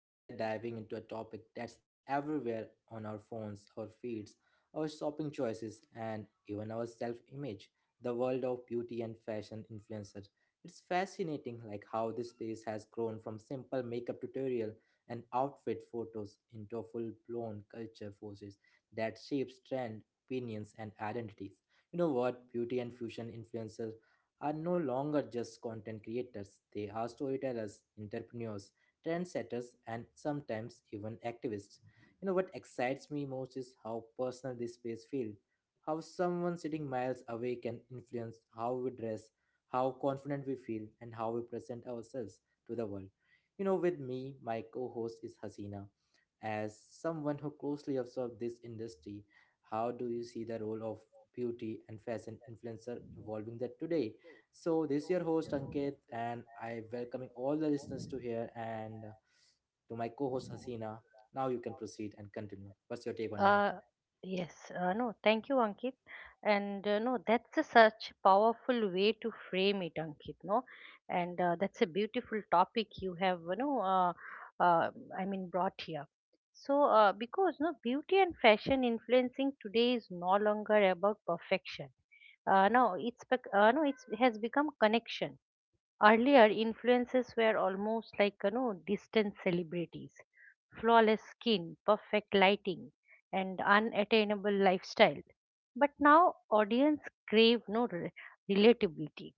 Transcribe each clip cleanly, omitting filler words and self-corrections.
Today we are diving into a topic that's everywhere on our phones, our feeds, our shopping choices, and even our self image, the world of beauty and fashion influencers. It's fascinating, like how this space has grown from simple makeup tutorial and outfit photos into full blown culture forces that shapes trend, opinions and identities. You know what, beauty and fusion influencers are no longer just content creators, they are storytellers, entrepreneurs, trendsetters, and sometimes even activists. You know what excites me most is how personal this space feels. How someone sitting miles away can influence how we dress, how confident we feel, and how we present ourselves to the world. With me, my co host is Hasina. As someone who closely observes this industry, how do you see the role of beauty and fashion influencer evolving that today? So this is your host Ankit, and I welcoming all the listeners to here and to my co-host Hasina. Now you can proceed and continue. What's your take on that? Uh, yes, no, thank you, Ankit. And no, that's a such powerful way to frame it, Ankit. No, and that's a beautiful topic you have, uh, I mean, brought here. Because no, beauty and fashion influencing today is no longer about perfection. No, it's, has become connection. Earlier, influences were almost like, you know, distant celebrities, flawless skin, perfect lighting, and unattainable lifestyle. But now audience crave no relatability.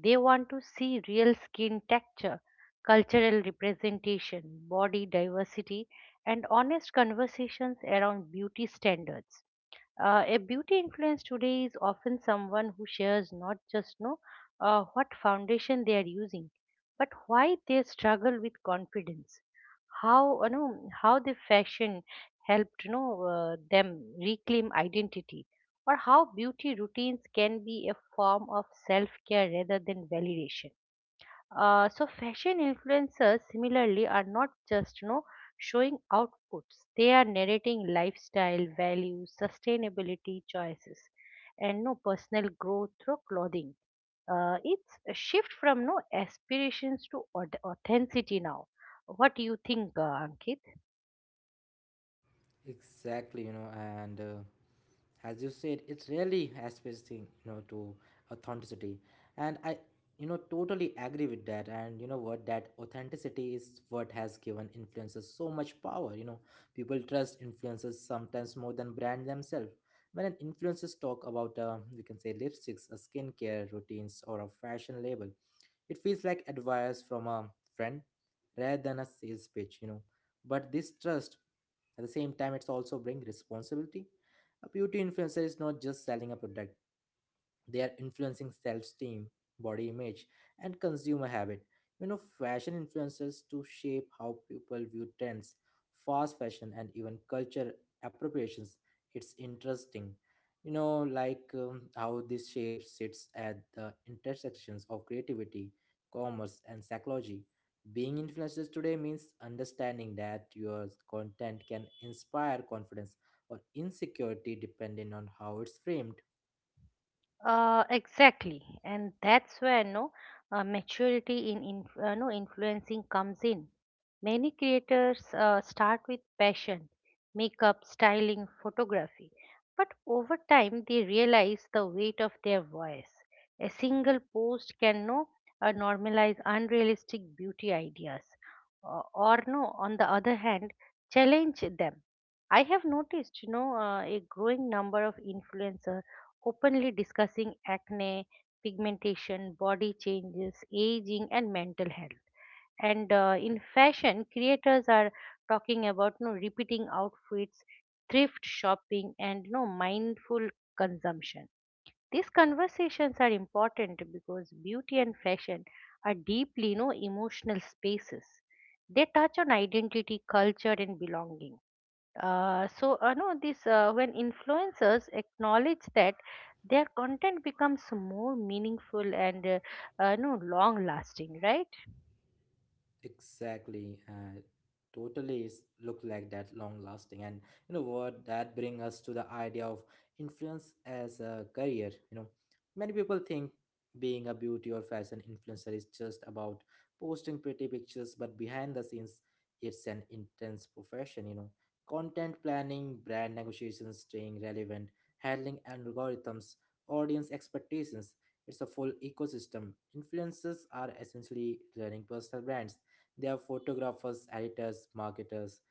They want to see real skin texture, cultural representation, body diversity, and honest conversations around beauty standards. A beauty influence today is often someone who shares not just know what foundation they are using, but why they struggle with confidence, how the fashion helped, them reclaim identity, or how beauty routines can be a form of self care rather than validation. So fashion influencers similarly are not just, you know, showing outputs. They are narrating lifestyle values, sustainability choices, and no personal growth through clothing. It's a shift from no aspirations to authenticity now. What do you think, Ankit? Exactly, and as you said, it's really aspiring to authenticity, and I totally agree with that. And you know what, that authenticity is what has given influencers so much power. People trust influencers sometimes more than brand themselves. When an influencers talk about you can say lipsticks, a skincare routines or a fashion label, it feels like advice from a friend rather than a sales pitch. But this trust, at the same time, it's also bring responsibility. A beauty influencer is not just selling a product; they are influencing self-esteem, body image and consumer habit. Fashion influences to shape how people view trends, fast fashion and even culture appropriations. It's interesting, like how this shape sits at the intersections of creativity, commerce and psychology. Being influencers today means understanding that your content can inspire confidence or insecurity depending on how it's framed. Exactly, and that's where no maturity in no influencing comes in. Many creators start with passion, makeup, styling, photography, but over time they realize the weight of their voice. A single post can no normalize unrealistic beauty ideas, or no, on the other hand, challenge them. I have noticed, you know, a growing number of influencers openly discussing acne, pigmentation, body changes, aging, and mental health. And In fashion, creators are talking about no repeating outfits, thrift shopping, and no mindful consumption. These conversations are important because beauty and fashion are deeply no emotional spaces. They touch on identity, culture, and belonging. So no this When influencers acknowledge that, their content becomes more meaningful and no long lasting, right? Exactly. Totally look like that long lasting. And you know what? That bring us to the idea of influence as a career. Many people think being a beauty or fashion influencer is just about posting pretty pictures, but behind the scenes, it's an intense profession. Content planning, brand negotiations, staying relevant, handling algorithms, audience expectations. It's a full ecosystem. Influencers are essentially running personal brands. They are photographers, editors, marketers,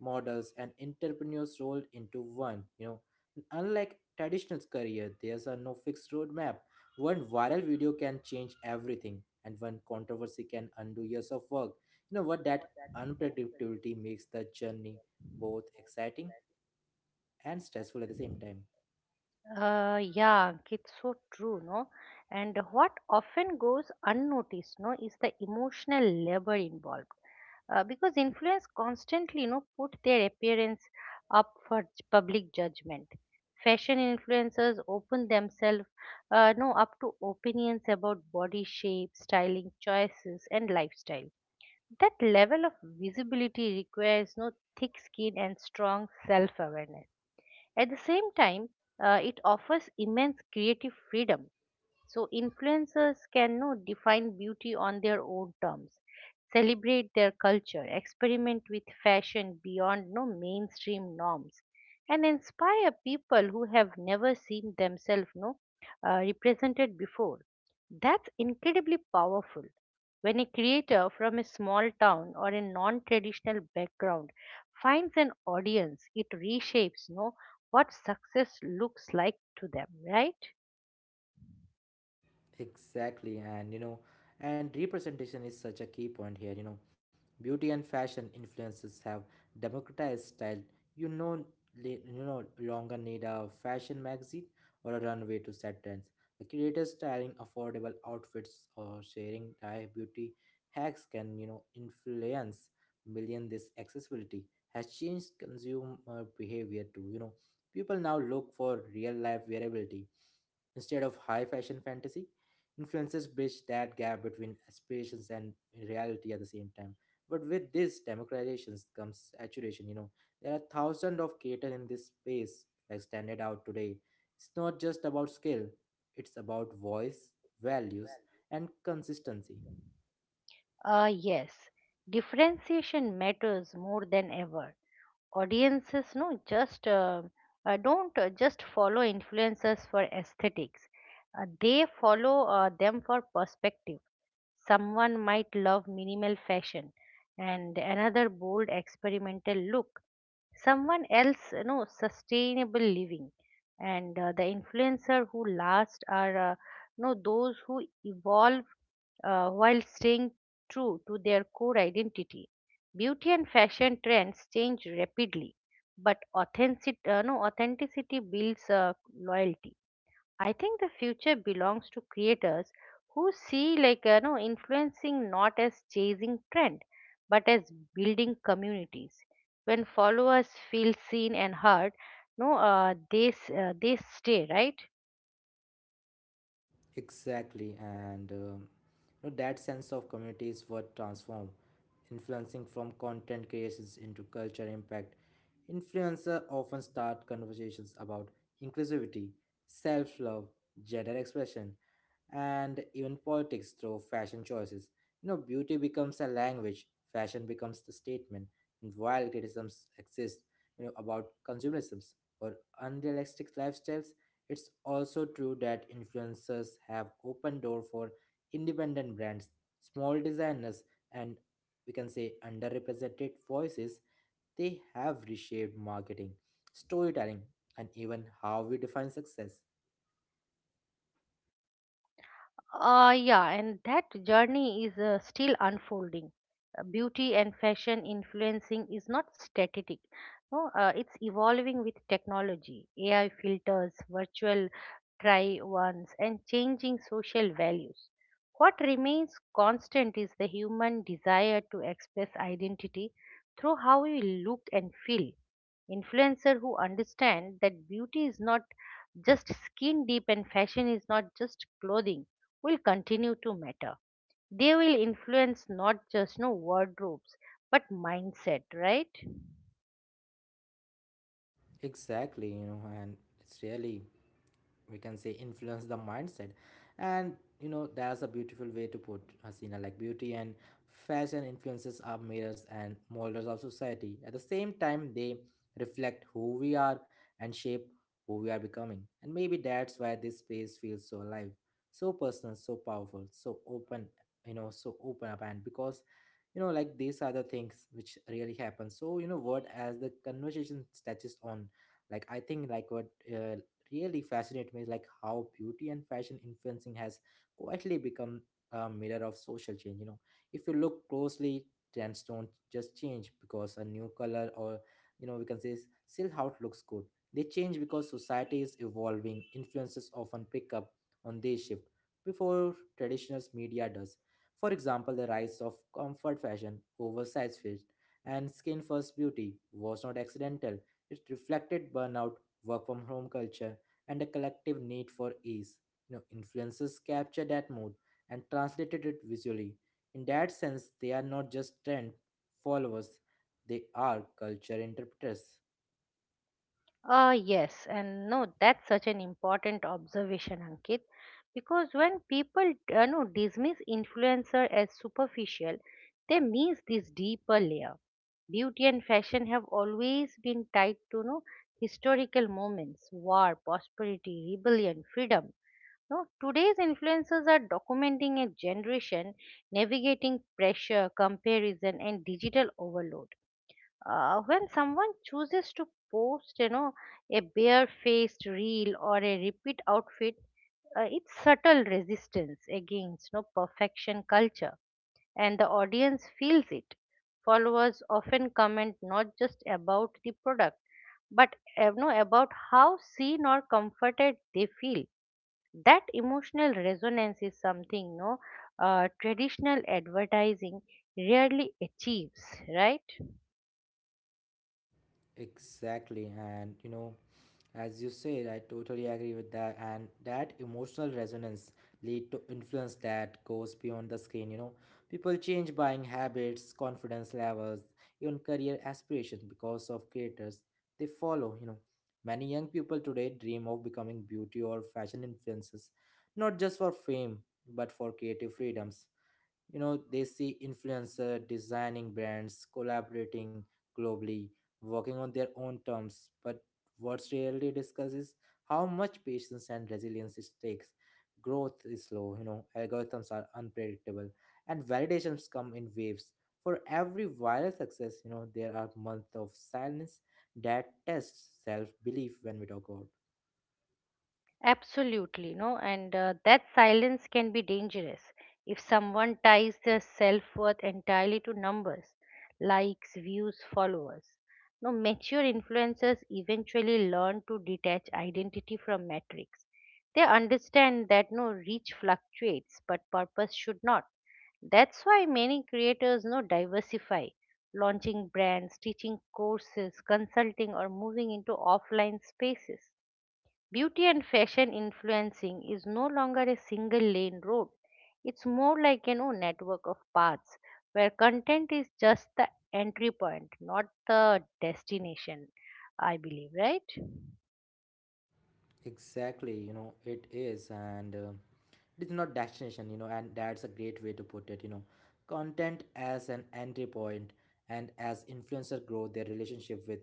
models, and entrepreneurs rolled into one. And unlike traditional career, there's a no fixed roadmap. One viral video can change everything, and one controversy can undo years of work. You know what? That unpredictability makes the journey both exciting and stressful at the same time. Yeah, it's so true, no? And what often goes unnoticed, no, is the emotional labor involved. Because influence constantly, you know, put their appearance up for public judgment. Fashion influencers open themselves, no, up to opinions about body shape, styling choices, and lifestyle. That level of visibility requires no thick skin and strong self-awareness. At the same time, it offers immense creative freedom. So, influencers can no, define beauty on their own terms, celebrate their culture, experiment with fashion beyond no mainstream norms, and inspire people who have never seen themselves no, represented before. That's incredibly powerful. When a creator from a small town or a non traditional background finds an audience, it reshapes, you know, what success looks like to them, right? Exactly, and and representation is such a key point here. Beauty and fashion influences have democratized style. You no, you no longer need a fashion magazine or a runway to set trends. The creators styling affordable outfits or sharing their beauty hacks can influence million. This accessibility has changed consumer behavior too. People now look for real life wearability. Instead of high fashion fantasy, influencers bridge that gap between aspirations and reality at the same time. But with this democratization comes saturation. There are thousands of creators in this space, like standard out today. It's not just about skill, it's about voice, values, and consistency. Yes, differentiation matters more than ever. Audiences no just don't just follow influencers for aesthetics. They follow them for perspective. Someone might love minimal fashion, and another bold experimental look, someone else, you know, sustainable living. And The influencer who last are, you know, those who evolve, while staying true to their core identity. Beauty and fashion trends change rapidly, but authentic, no, authenticity builds loyalty. I think the future belongs to creators who see, like, you know, influencing not as chasing trend, but as building communities. When followers feel seen and heard, no, they s- they stay, right. Exactly, and that sense of community is what transform influencing from content creations into culture impact. Influencers often start conversations about inclusivity, self-love, gender expression, and even politics through fashion choices. Beauty becomes a language, fashion becomes the statement, and while criticisms exist, about consumerisms or unrealistic lifestyles, it's also true that influencers have opened door for independent brands, small designers, and we can say underrepresented voices. They have reshaped marketing, storytelling, and even how we define success. Yeah, and that journey is still unfolding. Beauty and fashion influencing is not static. No, It's evolving with technology, AI filters, virtual try ons, and changing social values. What remains constant is the human desire to express identity through how we look and feel. Influencers who understand that beauty is not just skin deep and fashion is not just clothing will continue to matter. They will influence not just no wardrobes, but mindset, right? Exactly, and it's really, we can say, influence the mindset, and that's a beautiful way to put Hasina, like beauty and fashion influences our mirrors and molders of society at the same time. They reflect who we are and shape who we are becoming. And maybe that's why this space feels so alive, so personal, so powerful, so open, so open up and because like these are the things which really happen. So you know what as the conversation touches on, like I think, like what uh, really fascinates me is like how beauty and fashion influencing has quietly become a mirror of social change. If you look closely, trends don't just change because a new color or we can say still how it looks good. They change because society is evolving. Influences often pick up on this shift before traditional media does. For example, the rise of comfort fashion, oversized fit, and skin first beauty was not accidental. It reflected burnout, work from home culture, and a collective need for ease. Influences capture that mood and translated it visually. In that sense, they are not just trend followers, they are culture interpreters. Ah, yes, and no, that's such an important observation, Ankit, because when people no, dismiss influencer as superficial, they miss this deeper layer. Beauty and fashion have always been tied to no historical moments, war, prosperity, rebellion, freedom. No, today's influencers are documenting a generation navigating pressure, comparison, and digital overload. When someone chooses to post, you know, a bare-faced reel or a repeat outfit, it's subtle resistance against no perfection culture, and the audience feels it. Followers often comment not just about the product, but no about how seen or comforted they feel. That emotional resonance is something no traditional advertising rarely achieves, right? Exactly, and as you said, I totally agree with that. And that emotional resonance lead to influence that goes beyond the screen. People change buying habits, confidence levels, even career aspirations because of creators they follow. Many young people today dream of becoming beauty or fashion influencers, not just for fame but for creative freedoms. They see influencer designing brands collaborating globally, working on their own terms. But what's rarely discussed is how much patience and resilience it takes. Growth is slow. Algorithms are unpredictable, and validations come in waves. For every viral success, there are months of silence that tests self-belief when we talk about. Absolutely, no, and that silence can be dangerous if someone ties their self worth entirely to numbers, likes, views, followers. No, mature influencers eventually learn to detach identity from metrics. They understand that no reach fluctuates, but purpose should not. That's why many creators no diversify, launching brands, teaching courses, consulting, or moving into offline spaces. Beauty and fashion influencing is no longer a single lane road. It's more like, you know, network of paths where content is just the entry point, not the destination. I believe, right? Exactly, it is, and it is not destination, and that's a great way to put it, content as an entry point. And as influencer grow, their relationship with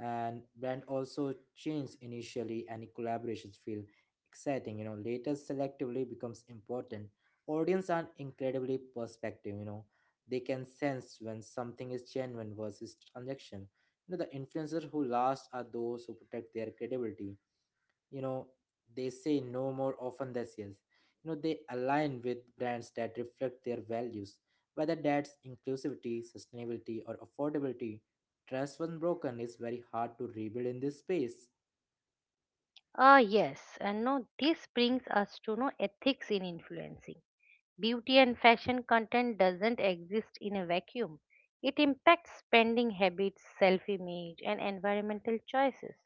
and brand also change initially, and collaborations feel exciting. Later, selectively becomes important. Audience are incredibly perspective. They can sense when something is genuine versus transaction. The influencers who last are those who protect their credibility you know they say no more often than yes. They align with brands that reflect their values, whether that's inclusivity, sustainability or affordability. Trust when broken is very hard to rebuild in this space. Ah, yes, and no, this brings us to no ethics in influencing. Beauty and fashion content doesn't exist in a vacuum. It impacts spending habits, self-image, and environmental choices.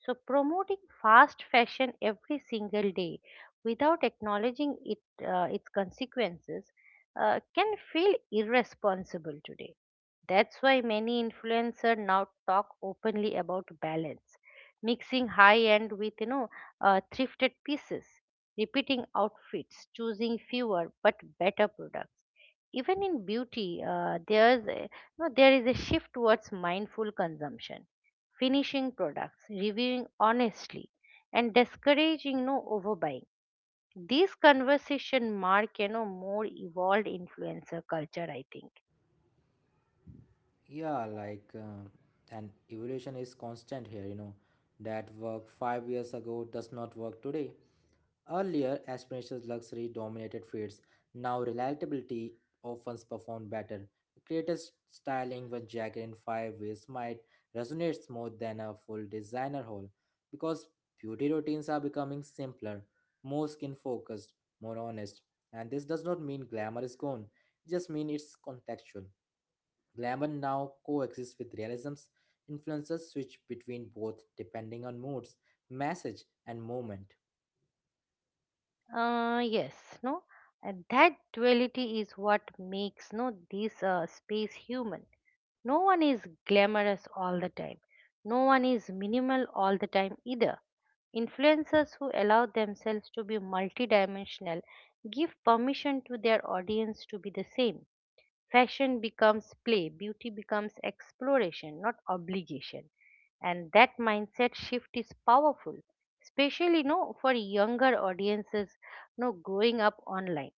So, promoting fast fashion every single day without acknowledging it, its consequences can feel irresponsible today. That's why many influencers now talk openly about balance, mixing high end with, you know, thrifted pieces, repeating outfits, choosing fewer but better products. Even in beauty, no, there is a shift towards mindful consumption, finishing products, reviewing honestly, and discouraging no overbuying. These conversation mark, you know, more evolved influencer culture, I think. Yeah, like, and evolution is constant here. That work 5 years ago does not work today. Earlier, aspirations luxury dominated fields. Now, relatability often performed better. A creator's styling one jacket in five ways might resonate more than a full designer haul because beauty routines are becoming simpler, more skin focused, more honest. And this does not mean glamour is gone, it just means it's contextual. Glamour now coexists with realism's influences switch between both depending on moods, message, and moment. Yes, no, and that duality is what makes no this space human. No one is glamorous all the time. No one is minimal all the time either. Influencers who allow themselves to be multidimensional give permission to their audience to be the same. Fashion becomes play, beauty becomes exploration, not obligation. And that mindset shift is powerful, especially no for younger audiences no growing up online.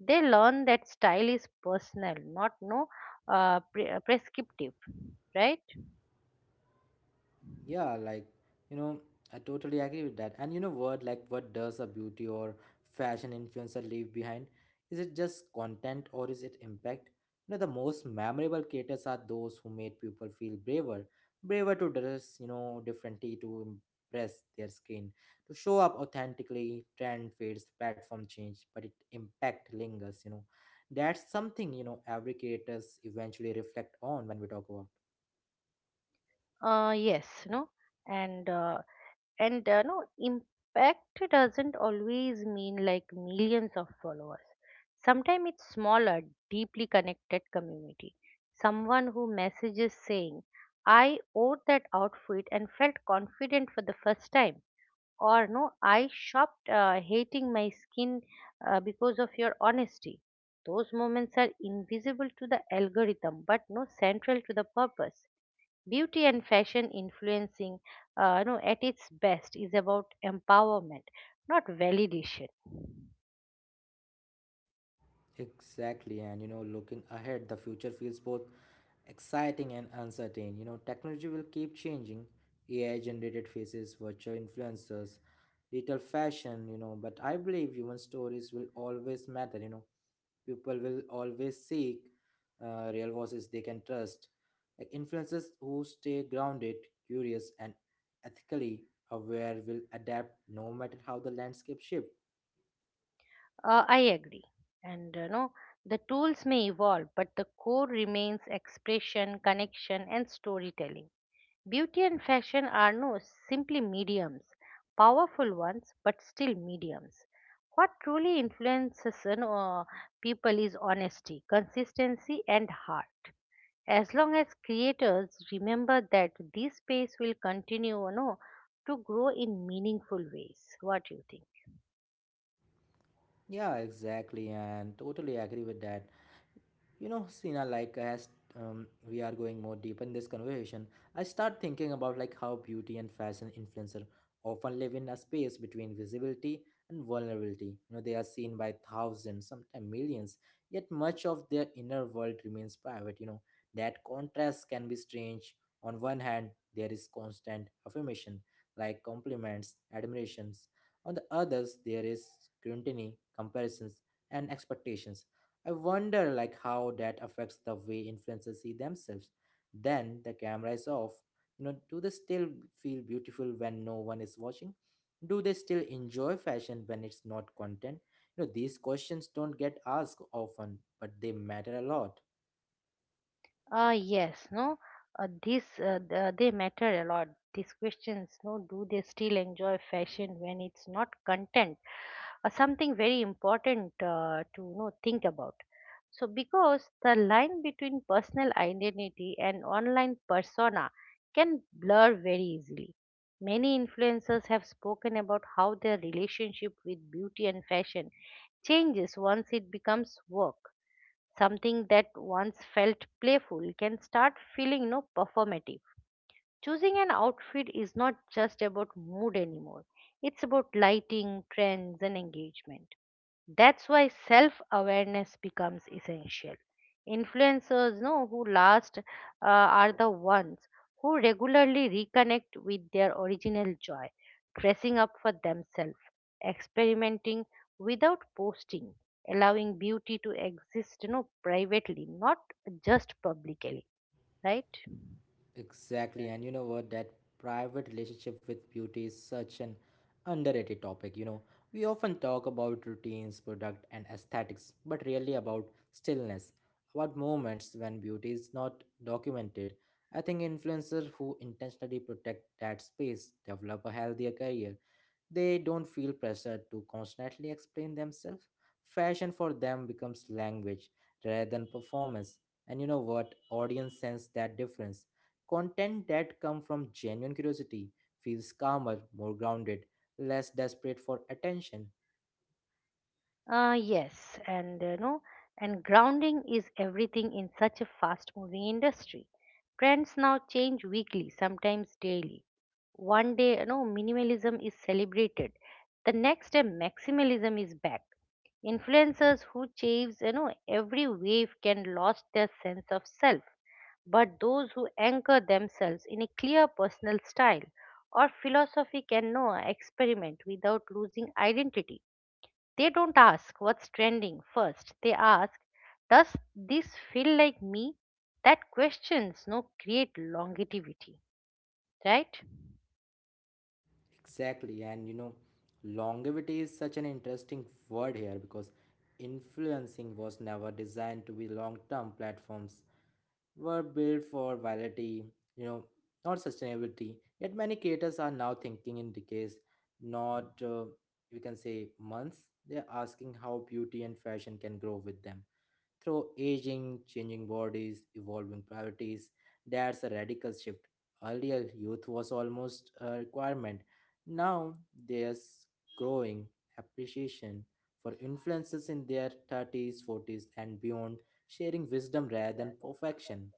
They learn that style is personal, not no prescriptive, right? Yeah, like, you know I totally agree with that. And you know what, like, what does a beauty or fashion influencer leave behind? Is it just content or is it impact? The most memorable creators are those who made people feel braver, braver to dress, differently, to impress their skin, to show up authentically. Trend fades, platform change, but it impact lingers. That's something every creators eventually reflect on when we talk about. Yes, no, and uh, and No impact doesn't always mean like millions of followers. Sometimes it's smaller, deeply connected community. Someone who messages saying, I wore that outfit and felt confident for the first time, or no, I shopped hating my skin because of your honesty. Those moments are invisible to the algorithm but no central to the purpose. Beauty and fashion influencing, you know, at its best is about empowerment, not validation. Exactly, and looking ahead, the future feels both exciting and uncertain. Technology will keep changing. AI generated faces, virtual influencers, digital fashion, but I believe human stories will always matter. People will always seek real voices they can trust. Like influencers who stay grounded, curious, and ethically aware will adapt no matter how the landscape shifts. I agree, and, you know, the tools may evolve, but the core remains expression, connection, and storytelling. Beauty and fashion are no simply mediums, powerful ones, but still mediums. What truly influences, you know, people is honesty, consistency, and heart. As long as creators remember that, this space will continue, you know, to grow in meaningful ways. What do you think? Yeah, exactly, and totally agree with that. Sina, like as we are going more deep in this conversation, I start thinking about like how beauty and fashion influencer often live in a space between visibility and vulnerability. They are seen by thousands, sometimes millions, yet much of their inner world remains private. That contrast can be strange. On one hand, there is constant affirmation, like compliments, admirations. On the others, there is scrutiny, comparisons, and expectations. I wonder like how that affects the way influencers see themselves. Then the camera is off. Do they still feel beautiful when no one is watching? Do they still enjoy fashion when it's not content? These questions don't get asked often, but they matter a lot. Yes, no, this the, They matter a lot. These questions, no, do they still enjoy fashion when it's not content? Something very important to think about. So, because the line between personal identity and online persona can blur very easily. Many influencers have spoken about how their relationship with beauty and fashion changes once it becomes work. Something that once felt playful can start feeling no performative. Choosing an outfit is not just about mood anymore, it's about lighting, trends, and engagement. That's why self awareness becomes essential. Influencers know who last are the ones who regularly reconnect with their original joy, dressing up for themselves, experimenting without posting, allowing beauty to exist, you know, privately, not just publicly, right? Exactly, and you know what? That private relationship with beauty is such an underrated topic. We often talk about routines, product, and aesthetics, but rarely about stillness, about moments when beauty is not documented. I think influencers who intentionally protect that space develop a healthier career. They don't feel pressured to constantly explain themselves. Fashion for them becomes language rather than performance. And you know what? Audience sense that difference. Content that come from genuine curiosity feels calmer, more grounded, less desperate for attention. Yes, and, you know, and grounding is everything in such a fast-moving industry. Trends now change weekly, sometimes daily. One day, you know, minimalism is celebrated. The next day, maximalism is back. Influencers who chase, you know, every wave can lost their sense of self. But those who anchor themselves in a clear personal style or philosophy can know experiment without losing identity. They don't ask what's trending first. They ask, does this feel like me? That questions no create longevity, right? Exactly, and longevity is such an interesting word here because influencing was never designed to be long-term. Platforms were built for virality, you know, not sustainability. Yet many creators are now thinking in decades, not you can say months. They're asking how beauty and fashion can grow with them. Through aging, changing bodies, evolving priorities, that's a radical shift. Earlier, youth was almost a requirement. Now, there's growing appreciation for influences in their 30s, 40s, and beyond, sharing wisdom rather than perfection.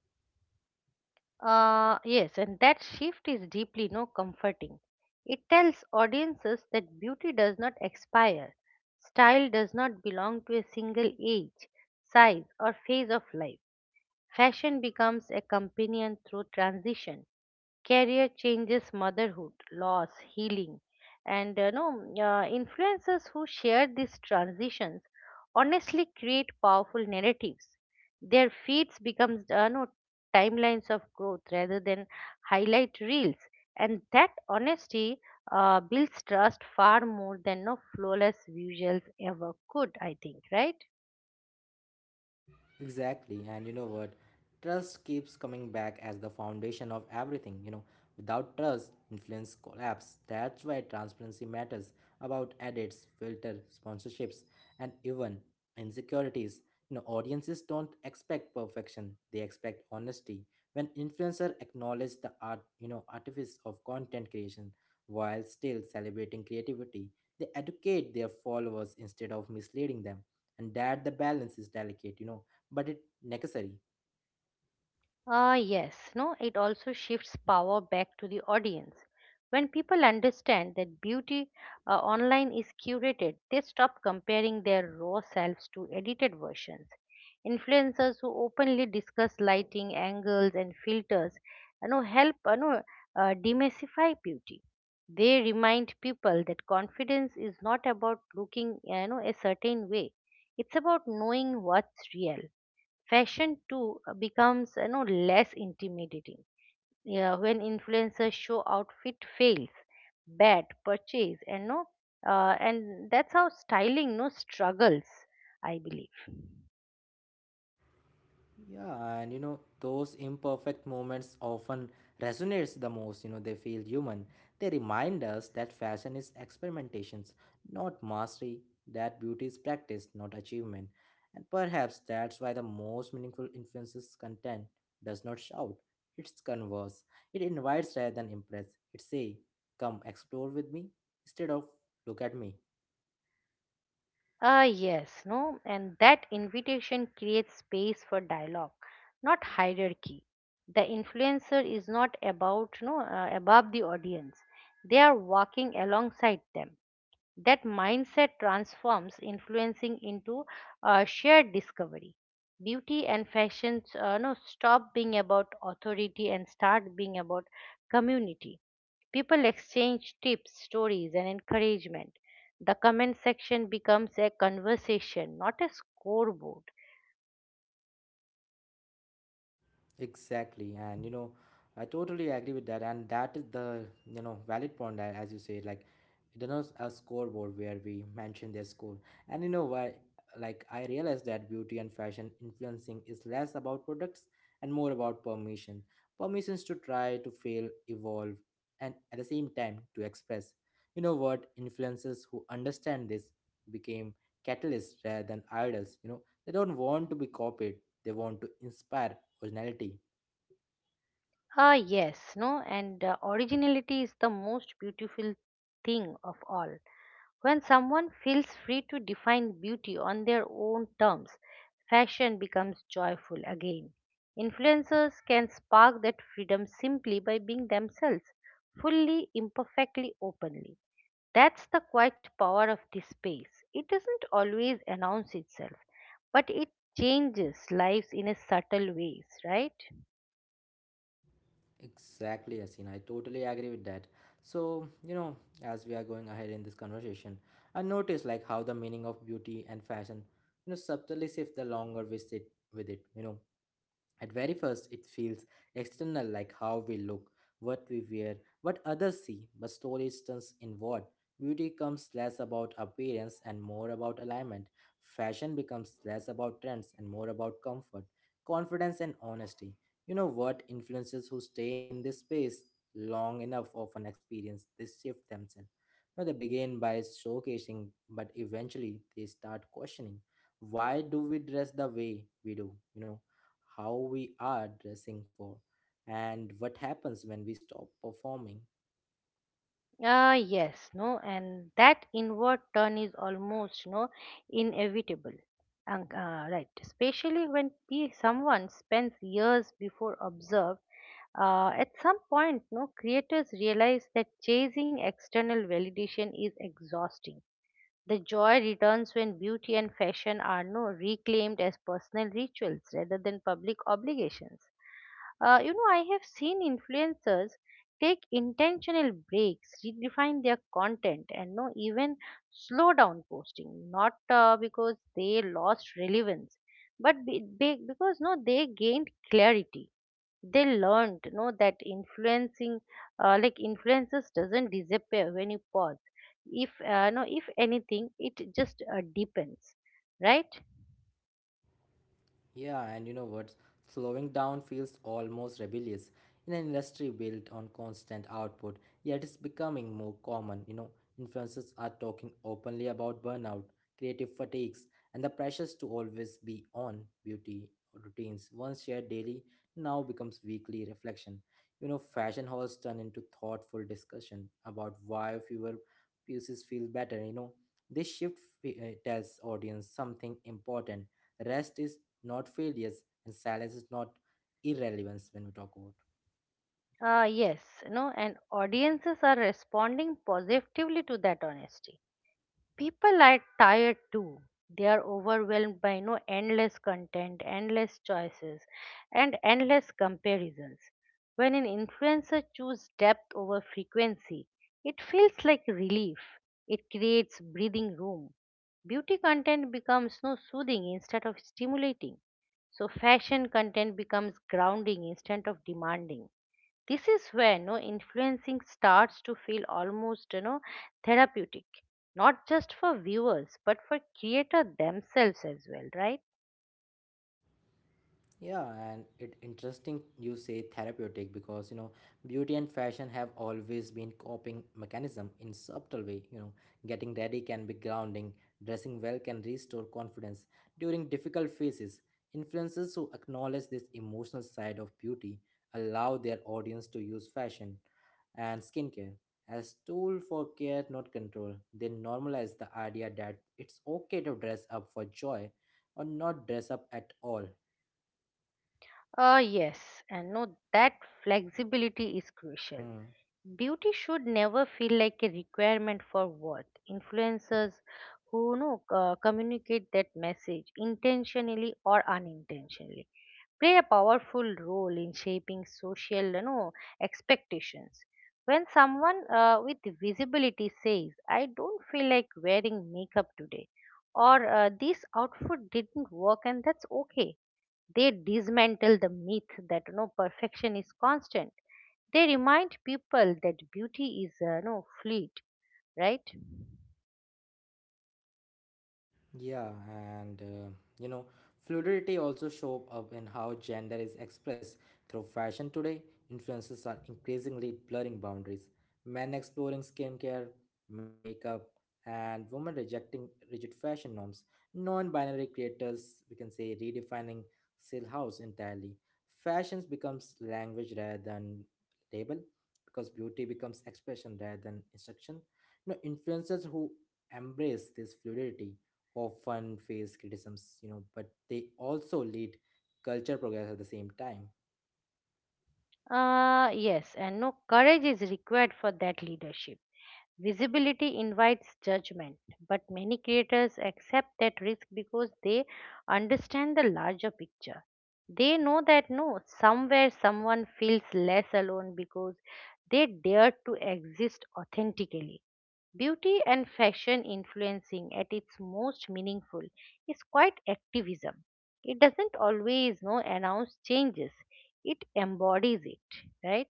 Yes, and that shift is deeply no comforting. It tells audiences that beauty does not expire. Style does not belong to a single age, size, or phase of life. Fashion becomes a companion through transition. Career changes, motherhood, loss, healing, and no influencers who share these transitions honestly create powerful narratives. Their feeds becomes no timelines of growth rather than highlight reels, and that honesty builds trust far more than no flawless visuals ever could. I think, right? Exactly. And you know what? Trust keeps coming back as the foundation of everything. Without trust, influence collapse. That's why transparency matters, about edits, filter, sponsorships, and even insecurities. Audiences don't expect perfection, they expect honesty. When influencer acknowledge the art, artifice of content creation while still celebrating creativity, they educate their followers instead of misleading them. And that the balance is delicate, but it necessary. Ah, yes, no, it also shifts power back to the audience. When people understand that beauty online is curated, they stop comparing their raw selves to edited versions. Influencers who openly discuss lighting, angles, and filters, you know, help you know, demystify beauty. They remind people that confidence is not about looking, a certain way. It's about knowing what's real. Fashion too becomes less intimidating, yeah, when influencers show outfit fails, bad purchase and no, and that's how styling no struggles, I believe. Yeah, and those imperfect moments often resonates the most. They feel human. They remind us that fashion is experimentations, not mastery, that beauty is practice, not achievement. And perhaps that's why the most meaningful influences content does not shout. It's converse. It invites rather than impress. It say, come explore with me, instead of look at me. Ah yes no and that invitation creates space for dialogue, not hierarchy. The influencer is not about no above the audience, they are walking alongside them. That mindset transforms influencing into shared discovery. Beauty and fashion no stop being about authority and start being about community. People exchange tips, stories and encouragement. The comment section becomes a conversation, not a scoreboard. Exactly, and I totally agree with that, and that is the valid point that, as you say, like it is a scoreboard where we mention their score. And you know why? Like I realized that beauty and fashion influencing is less about products and more about permission, permissions to try, to fail, evolve, and at the same time to express. You know what? Influencers who understand this became catalysts rather than idols. They don't want to be copied; they want to inspire originality. Ah yes no and Originality is the most beautiful thing of all. When someone feels free to define beauty on their own terms, fashion becomes joyful again. Influencers can spark that freedom simply by being themselves, fully, imperfectly, openly. That's the quiet power of this space. It doesn't always announce itself, but it changes lives in a subtle ways, right? Exactly, Yasin. I totally agree with that. So as we are going ahead in this conversation, I notice like how the meaning of beauty and fashion subtly shifts the longer we sit with it. At very first, it feels external, like how we look, what we wear, what others see, but slowly it turns inward. Beauty becomes less about appearance and more about alignment. Fashion becomes less about trends and more about comfort, confidence, and honesty. You know what? Influencers who stay in this space long enough often experience this shift themselves. Now they begin by showcasing, but eventually they start questioning, why do we dress the way we do? How we are dressing for, and what happens when we stop performing? Yes, no, and that inward turn is almost no inevitable. And, right, especially when someone spends years before observed. At some point, no creators realize that chasing external validation is exhausting. The joy returns when beauty and fashion are no reclaimed as personal rituals rather than public obligations. I have seen influencers take intentional breaks, redefine their content, and no even slow down posting. Not because they lost relevance, but because no they gained clarity. They learned that influencing influences doesn't disappear when you pause. If if anything it just depends, right? Yeah, and you know what? Slowing down feels almost rebellious in an industry built on constant output, yet it's becoming more common. Influencers are talking openly about burnout, creative fatigues, and the pressures to always be on. Beauty routines, once shared daily, now becomes weekly reflection. Fashion halls turn into thoughtful discussion about why fewer pieces feel better. This shift tells audience something important: rest is not failures, and silence is not irrelevance when we talk about. Yes, no, and audiences are responding positively to that honesty. People are tired too, they are overwhelmed by no endless content, endless choices and endless comparisons. When an influencer chooses depth over frequency, it feels like relief. It creates breathing room. Beauty content becomes no soothing instead of stimulating. So fashion content becomes grounding instead of demanding. This is where no influencing starts to feel almost therapeutic, not just for viewers but for creator themselves as well, right? Yeah, and it interesting you say therapeutic because beauty and fashion have always been coping mechanism in subtle way. Getting ready can be grounding, dressing well can restore confidence during difficult phases. Influencers who acknowledge this emotional side of beauty allow their audience to use fashion and skincare as tool for care, not control. They normalize the idea that it's okay to dress up for joy or not dress up at all. Yes, and no, that flexibility is crucial. Hmm. Beauty should never feel like a requirement for worth. Influencers who communicate that message intentionally or unintentionally play a powerful role in shaping social expectations. When someone with visibility says, I don't feel like wearing makeup today, or this outfit didn't work and that's okay, they dismantle the myth that perfection is constant. They remind people that beauty is fleet, right? Yeah, and you know, fluidity also show up in how gender is expressed through fashion today. Influences are increasingly blurring boundaries. Men exploring skincare, makeup, and women rejecting rigid fashion norms. Non-binary creators, we can say, redefining house entirely. Fashions becomes language rather than label, because beauty becomes expression rather than instruction. Influencers who embrace this fluidity often face criticisms, but they also lead culture progress at the same time. Yes and no, courage is required for that leadership. Visibility invites judgment, but many creators accept that risk because they understand the larger picture. They know that no, somewhere someone feels less alone because they dare to exist authentically. Beauty and fashion influencing at its most meaningful is quite activism. It doesn't always no announce changes. It embodies it, right?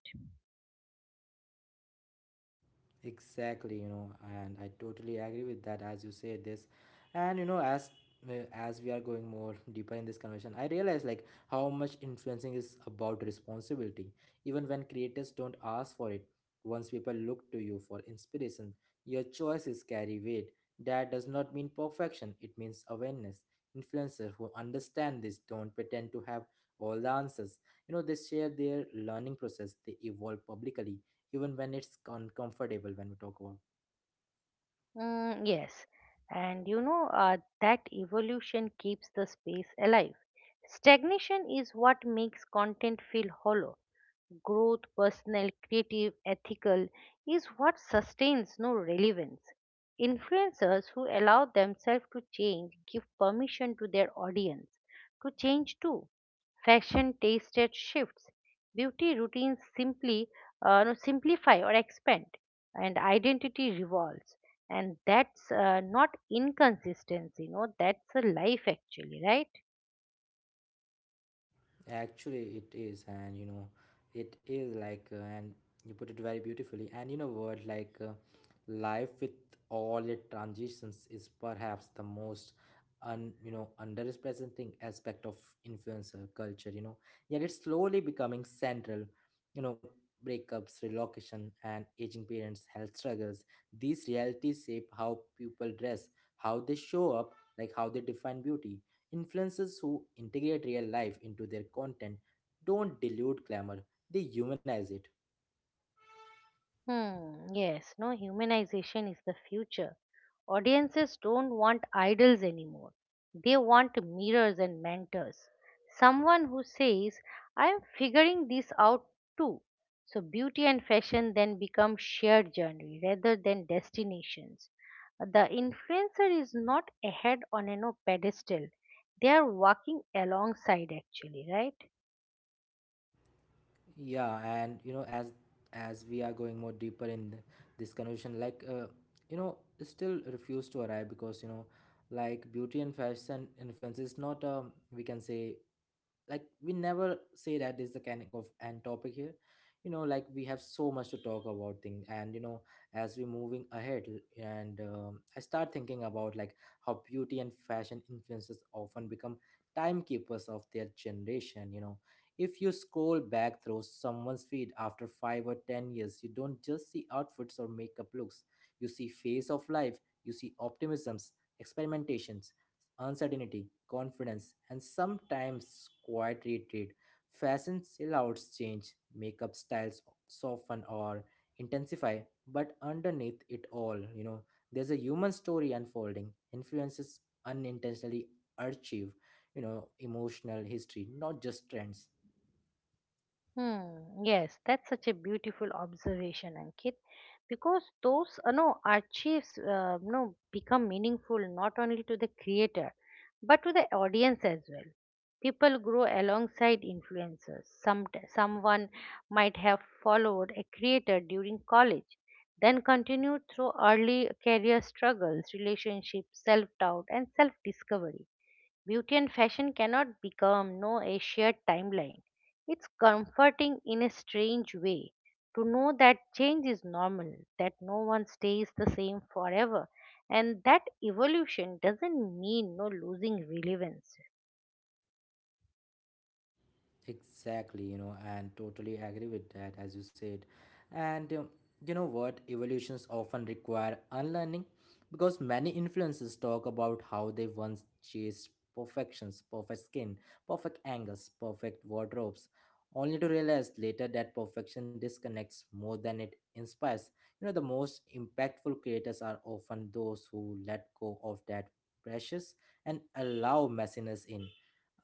Exactly, and I totally agree with that as you say this. And as we are going more deeper in this conversation, I realize like how much influencing is about responsibility. Even when creators don't ask for it, once people look to you for inspiration, your choices carry weight. That does not mean perfection, it means awareness. Influencers who understand this don't pretend to have all the answers. They share their learning process, they evolve publicly even when it's uncomfortable when we talk about. Mm, yes, and that evolution keeps the space alive. Stagnation is what makes content feel hollow. Growth, personal, creative, ethical, is what sustains no relevance. Influencers who allow themselves to change give permission to their audience to change too. Fashion tasted shifts, beauty routines simply no, simplify or expand, and identity revolves. And that's not inconsistency, no, that's a life actually, right? Actually it is, and you know it is like and you put it very beautifully. And you know what? Life with all its transitions is perhaps the most un underrepresenting aspect of influencer culture. Yet it's slowly becoming central. you know Breakups, relocation and aging parents, health struggles, these realities shape how people dress, how they show up, like how they define beauty. Influencers who integrate real life into their content don't dilute glamour, they humanize it. Hmm, yes, no, humanization is the future. Audiences don't want idols anymore. They want mirrors and mentors. Someone who says, I am figuring this out too. So beauty and fashion then become shared journey rather than destinations. The influencer is not ahead on a no pedestal. They are walking alongside actually, right? Yeah, and as we are going more deeper in this conversation, still refuse to arrive because like beauty and fashion influence is not, um, we can say, like, we never say that is the kind of end topic here. Like we have so much to talk about thing. And as we're moving ahead, and I start thinking about like how beauty and fashion influences often become timekeepers of their generation. If you scroll back through someone's feed after 5 or 10 years, you don't just see outfits or makeup looks, you see phase of life, you see optimisms, experimentations, uncertainty, confidence, and sometimes quiet retreat. Fashion sellouts change, makeup styles soften or intensify, but underneath it all, there's a human story unfolding. Influences unintentionally achieve, emotional history, not just trends. Hmm, yes, that's such a beautiful observation, Ankit, because those archives become meaningful not only to the creator but to the audience as well. People grow alongside influencers. Someone might have followed a creator during college, then continued through early career struggles, relationships, self doubt, and self discovery. Beauty and fashion cannot become no a shared timeline. It's comforting in a strange way to know that change is normal, that no one stays the same forever, and that evolution doesn't mean no losing relevance. Exactly, and totally agree with that, as you said. And you know what? Evolutions often require unlearning because many influences talk about how they once chased perfections, perfect skin, perfect angles, perfect wardrobes, only to realize later that perfection disconnects more than it inspires. The most impactful creators are often those who let go of that precious and allow messiness in.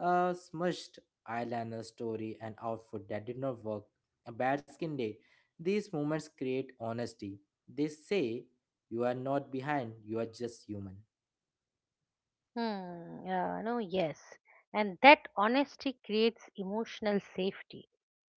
A smudge eyeliner story, an outfit that did not work, a bad skin day. These moments create honesty. They say, you are not behind, you are just human. Hmm, no, yes. And that honesty creates emotional safety.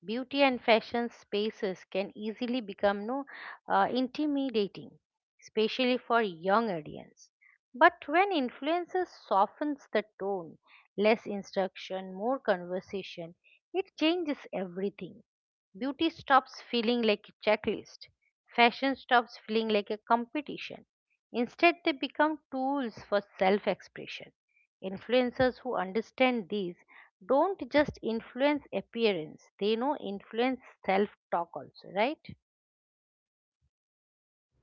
Beauty and fashion spaces can easily become no intimidating, especially for young audience. But when influences softens the tone, less instruction, more conversation, it changes everything. Beauty stops feeling like a checklist. Fashion stops feeling like a competition. Instead, they become tools for self expression. Influencers who understand these don't just influence appearance, they know influence self talk also, right?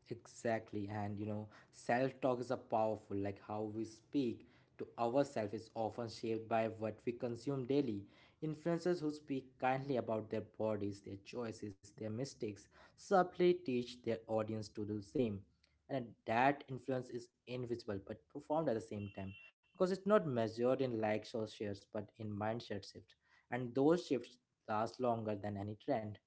Exactly. And self talk is a powerful, like how we speak to ourselves is often shaped by what we consume daily. Influencers who speak kindly about their bodies, their choices, their mistakes subtly teach their audience to do the same. And that influence is invisible but profound at the same time because it's not measured in likes or shares but in mindset shift. And those shifts last longer than any trend.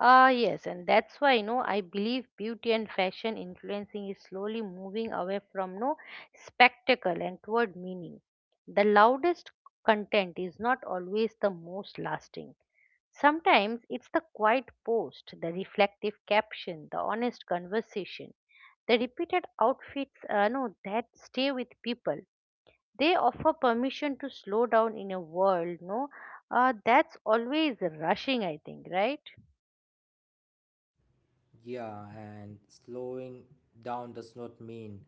Ah, yes, and that's why I believe beauty and fashion influencing is slowly moving away from no spectacle and toward meaning. The loudest content is not always the most lasting. Sometimes it's the quiet post, the reflective caption, the honest conversation, the repeated outfits. No, That stay with people. They offer permission to slow down in a world. No, that's always rushing. I think, right? Yeah, and slowing down does not mean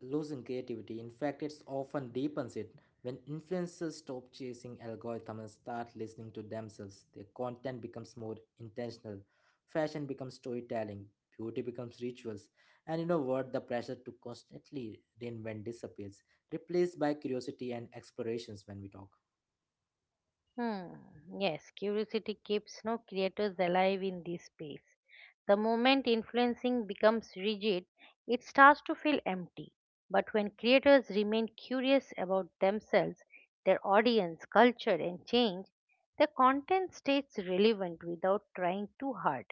losing creativity. In fact, it's often deepens it. When influencers stop chasing algorithms and start listening to themselves, their content becomes more intentional. Fashion becomes storytelling, beauty becomes rituals, and you know what? The pressure to constantly reinvent disappears, replaced by curiosity and explorations when we talk. Hmm. Yes, curiosity keeps no creators alive in this space. The moment influencing becomes rigid, it starts to feel empty. But when creators remain curious about themselves, their audience, culture, and change, their content stays relevant without trying too hard.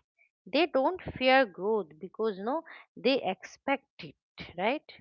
They don't fear growth because no, they expect it, right?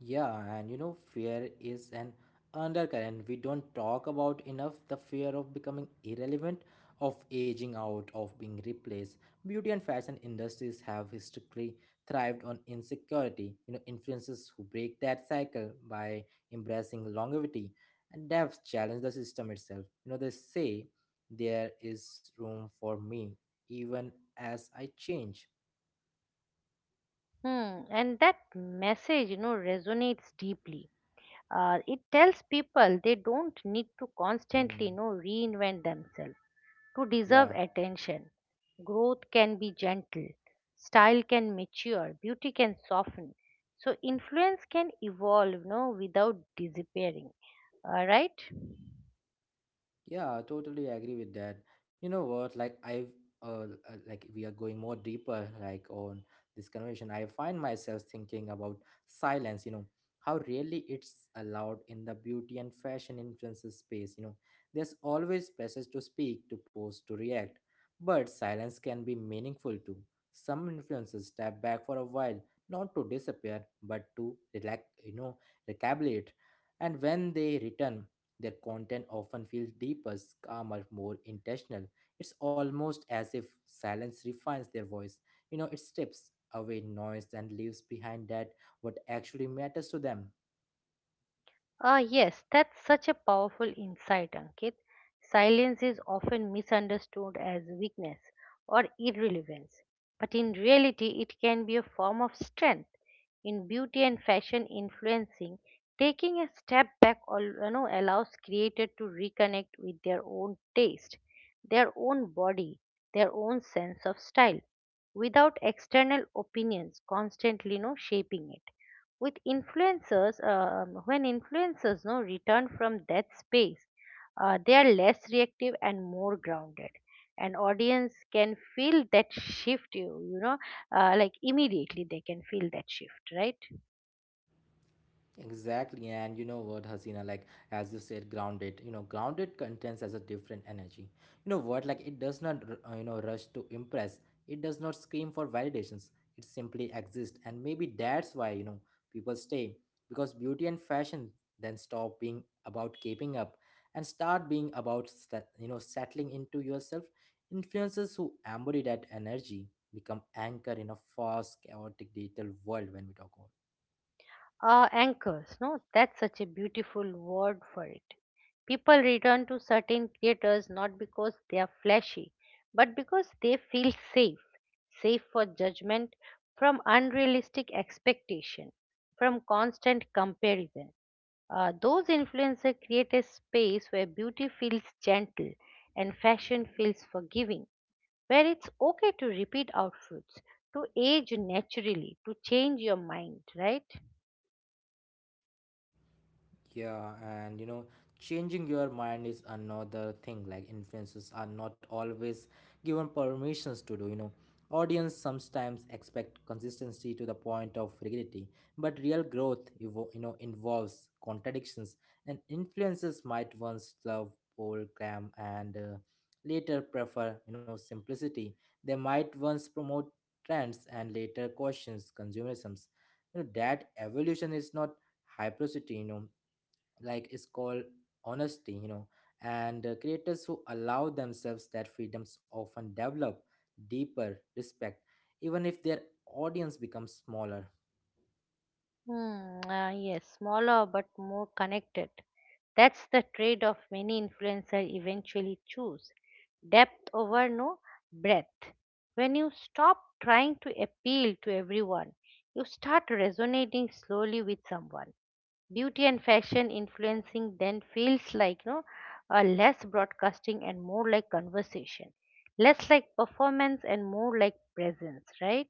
Yeah, and fear is an undercurrent we don't talk about enough, the fear of becoming irrelevant, of aging out, of being replaced. Beauty and fashion industries have historically thrived on insecurity. Influencers who break that cycle by embracing longevity and depth challenge the system itself. They say there is room for me even as I change. Hmm. And that message, resonates deeply. It tells people they don't need to constantly Hmm. Reinvent themselves to Yeah. deserve attention. Growth can be gentle, style can mature, beauty can soften. So influence can evolve without disappearing. Right? Yeah, I totally agree with that. You know what? Like I've like we are going more deeper like on this conversation. I find myself thinking about silence, how rarely it's allowed in the beauty and fashion influences space. There's always pressures to speak, to post, to react, but silence can be meaningful too. Some influences step back for a while, not to disappear, but to relax, recalibrate. And when they return, their content often feels deeper, calmer, more intentional. It's almost as if silence refines their voice. It strips away noise and leaves behind that what actually matters to them. Ah, yes, that's such a powerful insight, Ankit. Silence is often misunderstood as weakness or irrelevance, but in reality, it can be a form of strength. In beauty and fashion influencing, taking a step back allows creators to reconnect with their own taste, their own body, their own sense of style, without external opinions constantly shaping it. With influencers um, when influencers no return from that space, they are less reactive and more grounded and audience can feel that shift immediately they can feel that shift, right? Exactly, and you know what, Hasina, like as you said, grounded. Grounded contents as a different energy. Like it does not, rush to impress. It does not scream for validations. It simply exists, and maybe that's why people stay because beauty and fashion then stop being about keeping up and start being about set, settling into yourself. Influencers who embody that energy become anchor in a fast, chaotic digital world when we talk about. Anchors, no? That's such a beautiful word for it. People return to certain creators not because they are flashy, but because they feel safe. Safe for judgment, from unrealistic expectation, from constant comparison. Those influencers create a space where beauty feels gentle and fashion feels forgiving, where it's okay to repeat outfits, to age naturally, to change your mind, right? Yeah, and changing your mind is another thing. Like influencers are not always given permissions to do, you know. Audience sometimes expect consistency to the point of rigidity, but real growth, involves contradictions. And influencers might once love program and later prefer, simplicity. They might once promote trends and later questions consumerisms. That evolution is not hypercity like is called honesty and creators who allow themselves that freedoms often develop deeper respect even if their audience becomes smaller. Hmm, ah, yes, smaller but more connected. That's the trade off many influencers eventually choose, depth over no breadth. When you stop trying to appeal to everyone, you start resonating slowly with someone. Beauty and fashion influencing then feels like no, less broadcasting and more like conversation, less like performance and more like presence, right?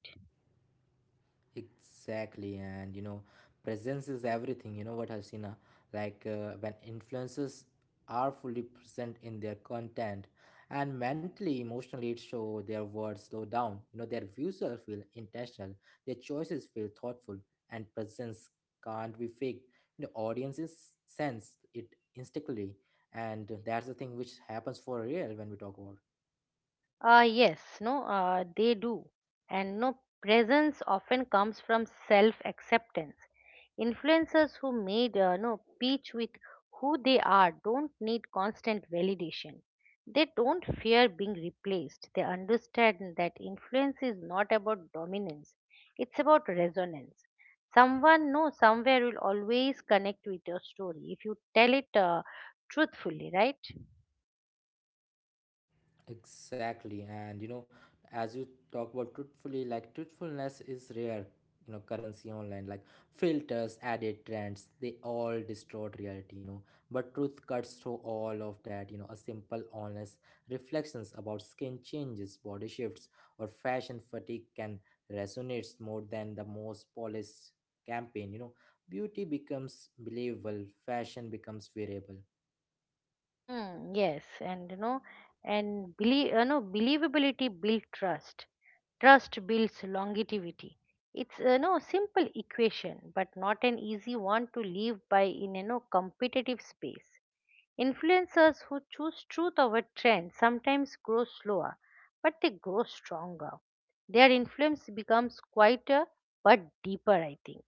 Exactly, and presence is everything. You know what, Hasina? Like when influencers are fully present in their content, and mentally, emotionally, it show their words slow down. You know, their views are feel intentional, their choices feel thoughtful, and presence can't be fake. The audiences sense it instantly, and that's the thing which happens for real when we talk about. Yes, no, they do. And no, presence often comes from self acceptance. Influencers who made no peace with who they are don't need constant validation. They don't fear being replaced. They understand that influence is not about dominance, it's about resonance. Someone, no, somewhere will always connect with your story if you tell it truthfully, right? Exactly, and as you talk about truthfully, like truthfulness is rare, you know, currency online. Like filters, added trends, they all distort reality, you know. But truth cuts through all of that, you know. A simple, honest reflections about skin changes, body shifts, or fashion fatigue can resonate more than the most polished campaign, you know. Beauty becomes believable, fashion becomes wearable. Hmm, yes, and believability builds trust. Trust builds longevity. It's simple equation, but not an easy one to live by in competitive space. Influencers who choose truth over trend sometimes grow slower, but they grow stronger. Their influence becomes quieter but deeper, I think.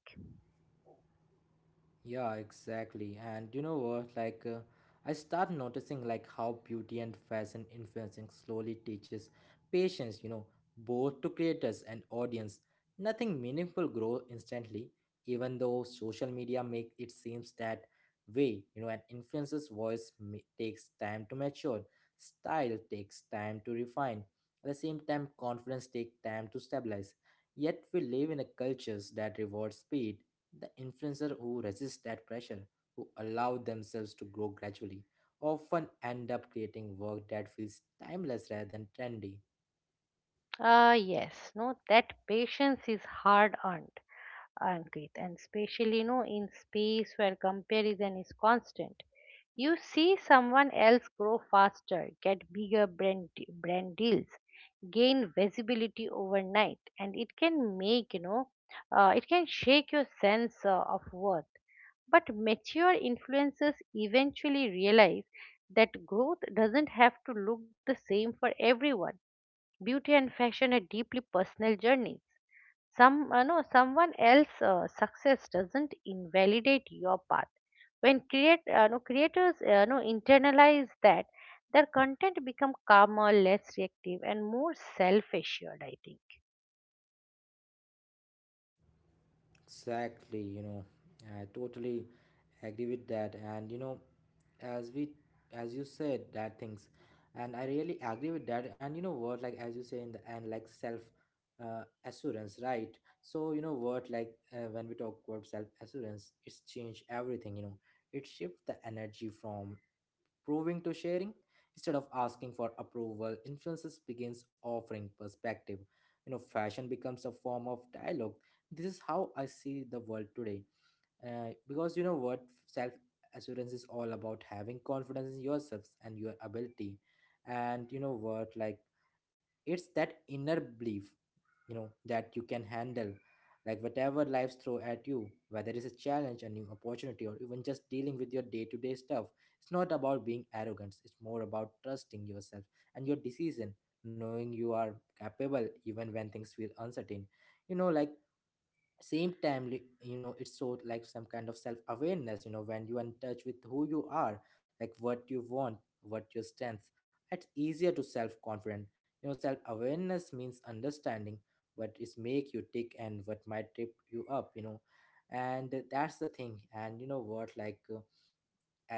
Yeah, exactly. And you know what? I start noticing like how beauty and fashion influencing slowly teaches patience. You know, both to creators and audience. Nothing meaningful grow instantly, even though social media make it seems that way. You know, an takes time to mature. Style takes time to refine. At the same time, confidence take time to stabilize. Yet we live in a cultures that rewards speed, the influencer who resist that pressure, who allow themselves to grow gradually, often end up creating work that feels timeless rather than trendy. Ah, yes, no, that patience is hard earned, earned Krit, and especially no in space where comparison is constant. You see someone else grow faster, get bigger brand brand deals, gain visibility overnight, and it can make it can shake your sense of worth. But mature influencers eventually realize that growth doesn't have to look the same for everyone. Beauty and fashion are deeply personal journeys. Some, someone else's success doesn't invalidate your path. When create, no, creators, no, internalize that, their content become calmer, less reactive, and more self-assured. I think. Exactly, you know, I totally agree with that. And as we, as you said, that things, and I really agree with that. And you know what, like as you say in the end, like self assurance, right? So you know what, like when we talk about self assurance, it's changed everything. You know, it shifts the energy from proving to sharing, instead of asking for approval, influences begins offering perspective. You know, fashion becomes a form of dialogue. This is how I see the world today. Because you know what, self assurance is all about having confidence in yourselves and your ability. And you know what, like it's that inner belief you know that you can handle like whatever life throw at you, whether it's a challenge, a new opportunity, or even just dealing with your day-to-day stuff. It's not about being arrogant, it's more about trusting yourself and your decision, knowing you are capable even when things feel uncertain, you know, like you know, it's so like some kind of self awareness, you know, when you are in touch with who you are, like what you want, what your strengths, it's easier to self confident. You know, self awareness means understanding what is make you tick and what might trip you up, you know. And that's the thing. And you know what, like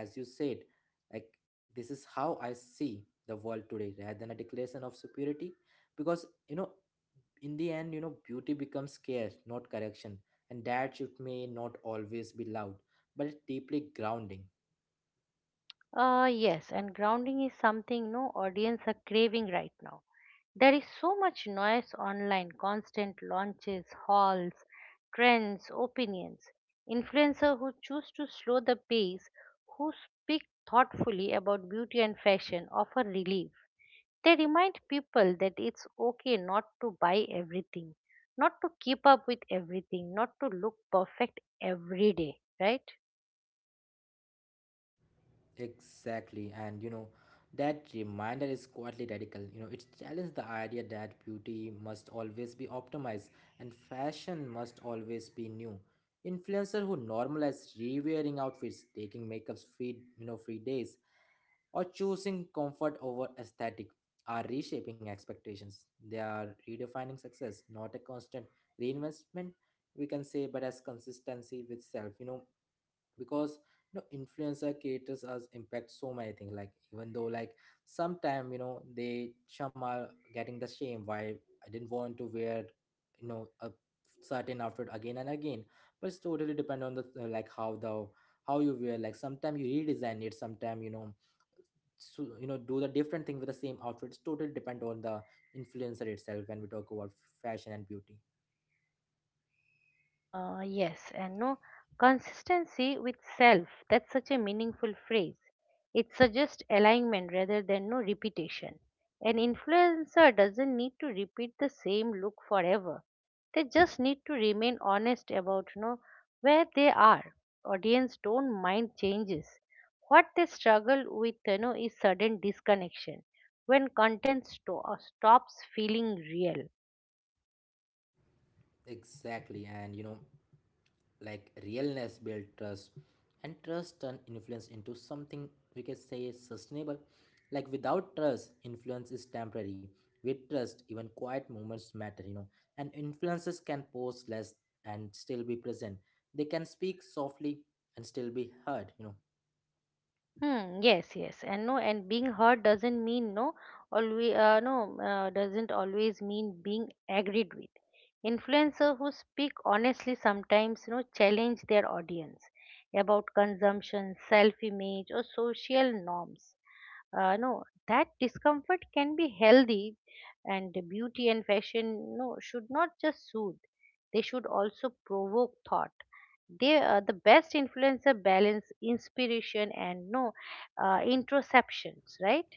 as you said, like this is how I see the world today, rather than a declaration of superiority, because you know in the end, you know, beauty becomes care, not correction. And that shift may not always be loud, but it's deeply grounding. Yes, and grounding is something no audience are craving right now. There is so much noise online, constant launches, hauls, trends, opinions. Influencers who choose to slow the pace, who speak thoughtfully about beauty and fashion, offer relief. They remind people that it's okay not to buy everything, not to keep up with everything, not to look perfect every day, right? Exactly. And, you know, that reminder is quietly radical. You know, it challenges the idea that beauty must always be optimized and fashion must always be new. Influencers who normalize rewearing outfits, taking makeups free, you know, free days, or choosing comfort over aesthetic are reshaping expectations. They are redefining success, not a constant reinvestment, we can say, but as consistency with self. You know, because you know influencer creators as impact so many things. Like even though like sometime you know they some are getting the shame, why I didn't want to wear you know a certain outfit again and again. But it's totally depend on the how you wear. Like sometimes you redesign it. Sometimes you know, so you know, do the different thing with the same outfits. Totally depend on the influencer itself when we talk about fashion and beauty. Yes, and no consistency with self. That's such a meaningful phrase. It suggests alignment rather than no repetition. An influencer doesn't need to repeat the same look forever. They just need to remain honest about where they are. Audience don't mind changes. What they struggle with is sudden disconnection when content stops feeling real. Exactly, and you know, like realness build trust, and trust turn influence into something we can say is sustainable. Like without trust, influence is temporary. With trust, even quiet moments matter, you know. And influences can pose less and still be present. They can speak softly and still be heard, you know. Hmm, yes, yes, and no, and being heard doesn't mean no, always doesn't always mean being agreed with. Influencers who speak honestly sometimes challenge their audience about consumption, self-image, or social norms. No, That discomfort can be healthy, and the beauty and fashion no should not just soothe; they should also provoke thought. The best influencer balance inspiration and no introceptions, right?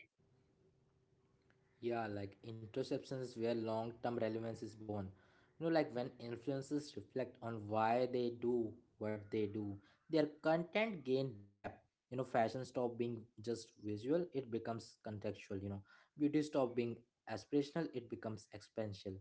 Yeah, like interceptions is where long term relevance is born. You know, like when influencers reflect on why they do what they do, their content gain depth. You know, fashion stop being just visual, it becomes contextual, you know. Beauty stop being aspirational, it becomes expansional.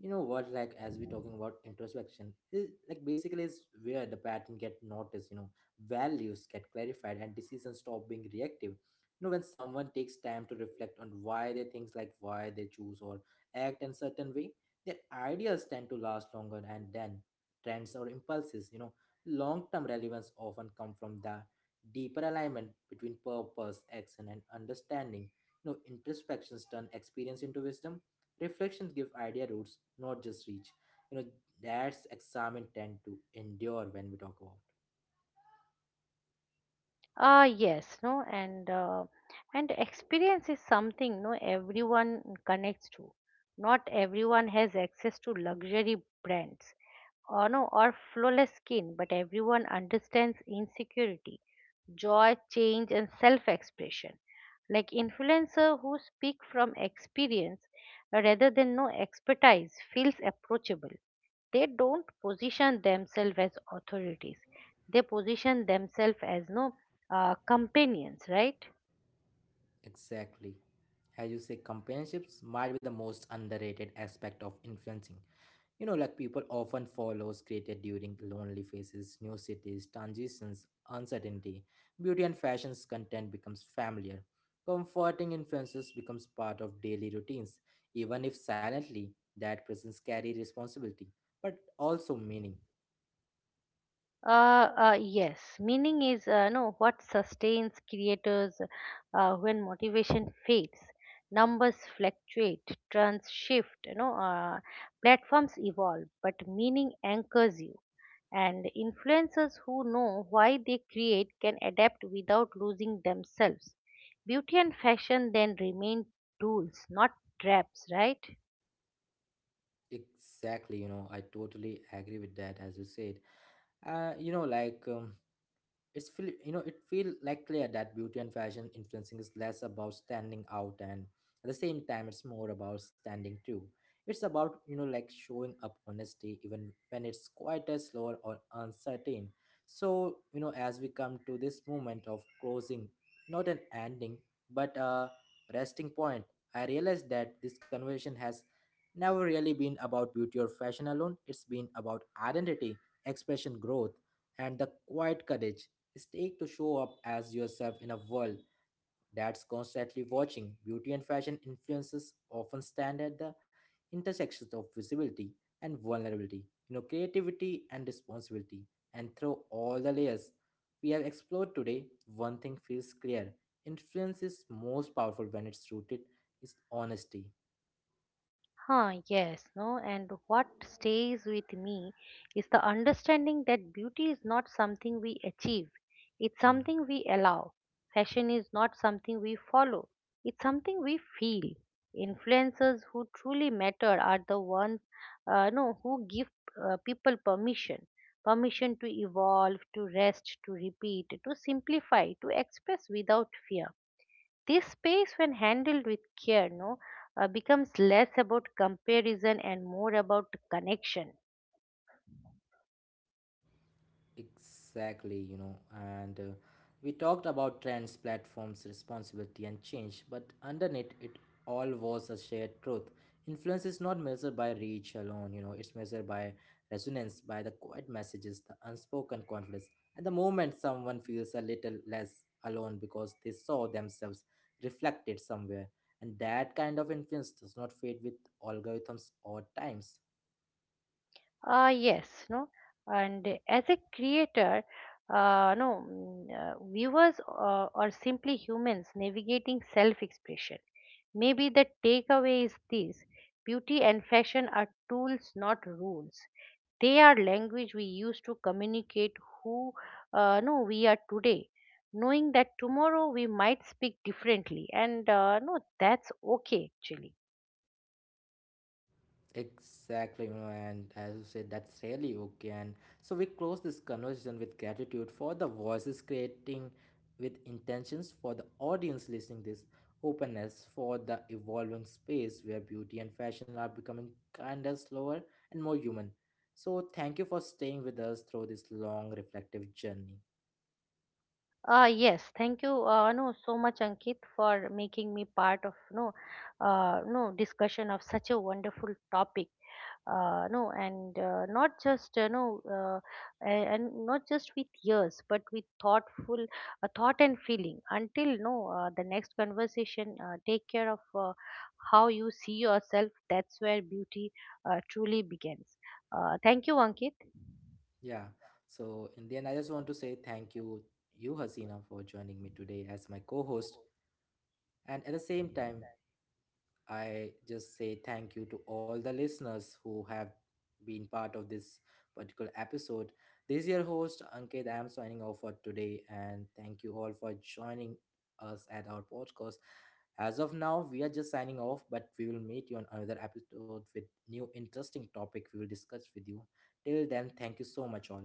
You know what, like as we're talking about introspection, is like basically is where the pattern get noticed, you know, values get clarified and decisions stop being reactive, you know, when someone takes time to reflect on why they think, like why they choose or act in certain way, their ideas tend to last longer and then trends or impulses, you know, long-term relevance often come from the deeper alignment between purpose, action, and understanding. You know, introspections turn experience into wisdom. Reflections give idea roots, not just reach. You know, that's examined tend to endure when we talk about. ah yes no and and Experience is something no everyone connects to. Not everyone has access to luxury brands or no or flawless skin, but everyone understands insecurity, joy, change and self expression. Like influencer who speak from experience rather than no expertise feels approachable. They don't position themselves as authorities, they position themselves as no companions, right? Exactly. As you say, companionships might be the most underrated aspect of influencing. You know, like people often follows created during lonely phases, new cities, transitions, uncertainty. Beauty and fashion's content becomes familiar. Comforting influences becomes part of daily routines, even if silently. That presence carry responsibility, but also meaning. Yes, meaning is no what sustains creators when motivation fades, numbers fluctuate, trends shift, platforms evolve, but meaning anchors you. And influencers who know why they create can adapt without losing themselves. Beauty and fashion then remain tools, not traps, right? Exactly, you know, I totally agree with that, as you said. Uh, you know, like. Um, it's feel you know it feel like clear that beauty and fashion influencing is less about standing out, and at the same time it's more about standing too. It's about you know like showing up honesty even when it's quite quieter, slower, or uncertain. So you know as we come to this moment of closing, not an ending, but a resting point, I realized that this conversation has never really been about beauty or fashion alone. It's been about identity, expression, growth, and the quiet courage stake to show up as yourself in a world that's constantly watching. Beauty and fashion influences often stand at the intersections of visibility and vulnerability, you know, creativity and responsibility. And through all the layers we have explored today, one thing feels clear. Influence is most powerful when it's rooted is honesty. Huh, yes, no, and what stays with me is the understanding that beauty is not something we achieve, it's Hmm. something we allow. Fashion is not something we follow, it's something we feel. Influencers who truly matter are the ones no, who give people permission, permission to evolve, to rest, to repeat, to simplify, to express without fear. This space, when handled with care, no, becomes less about comparison and more about connection. Exactly, you know, and we talked about trends, platforms, responsibility, and change, but underneath it all was a shared truth. Influence is not measured by reach alone, you know, it's measured by resonance, by the quiet messages, the unspoken confidence. At the moment, someone feels a little less alone because they saw themselves reflected somewhere, and that kind of influence does not fade with algorithms or times. Ah, yes, no, and as a creator, no, mm, viewers are simply humans navigating self-expression. Maybe the takeaway is this: beauty and fashion are tools, not rules. They are language we use to communicate who no we are today, knowing that tomorrow we might speak differently, and no, that's okay actually. Exactly, you know, and as you said, that's really okay. And so we close this conversation with gratitude for the voices creating with intentions, for the audience listening this openness, for the evolving space where beauty and fashion are becoming kinder, slower, and more human. So thank you for staying with us through this long reflective journey. Yes, thank you, no, so much, Ankit, for making me part of no, no discussion of such a wonderful topic. No and Not just and not just with years but with thoughtful thought and feeling. Until no the next conversation, take care of how you see yourself. That's where beauty truly begins. Thank you, Ankit. Yeah. So in the end, I just want to say thank you, Hasina, for joining me today as my co-host, and at the same time I just say thank you to all the listeners who have been part of this particular episode. This is your host Ankit. I am signing off for today, and thank you all for joining us at our podcast. As of now, we are just signing off, but we will meet you on another episode with new interesting topic we will discuss with you. Till then, thank you so much all.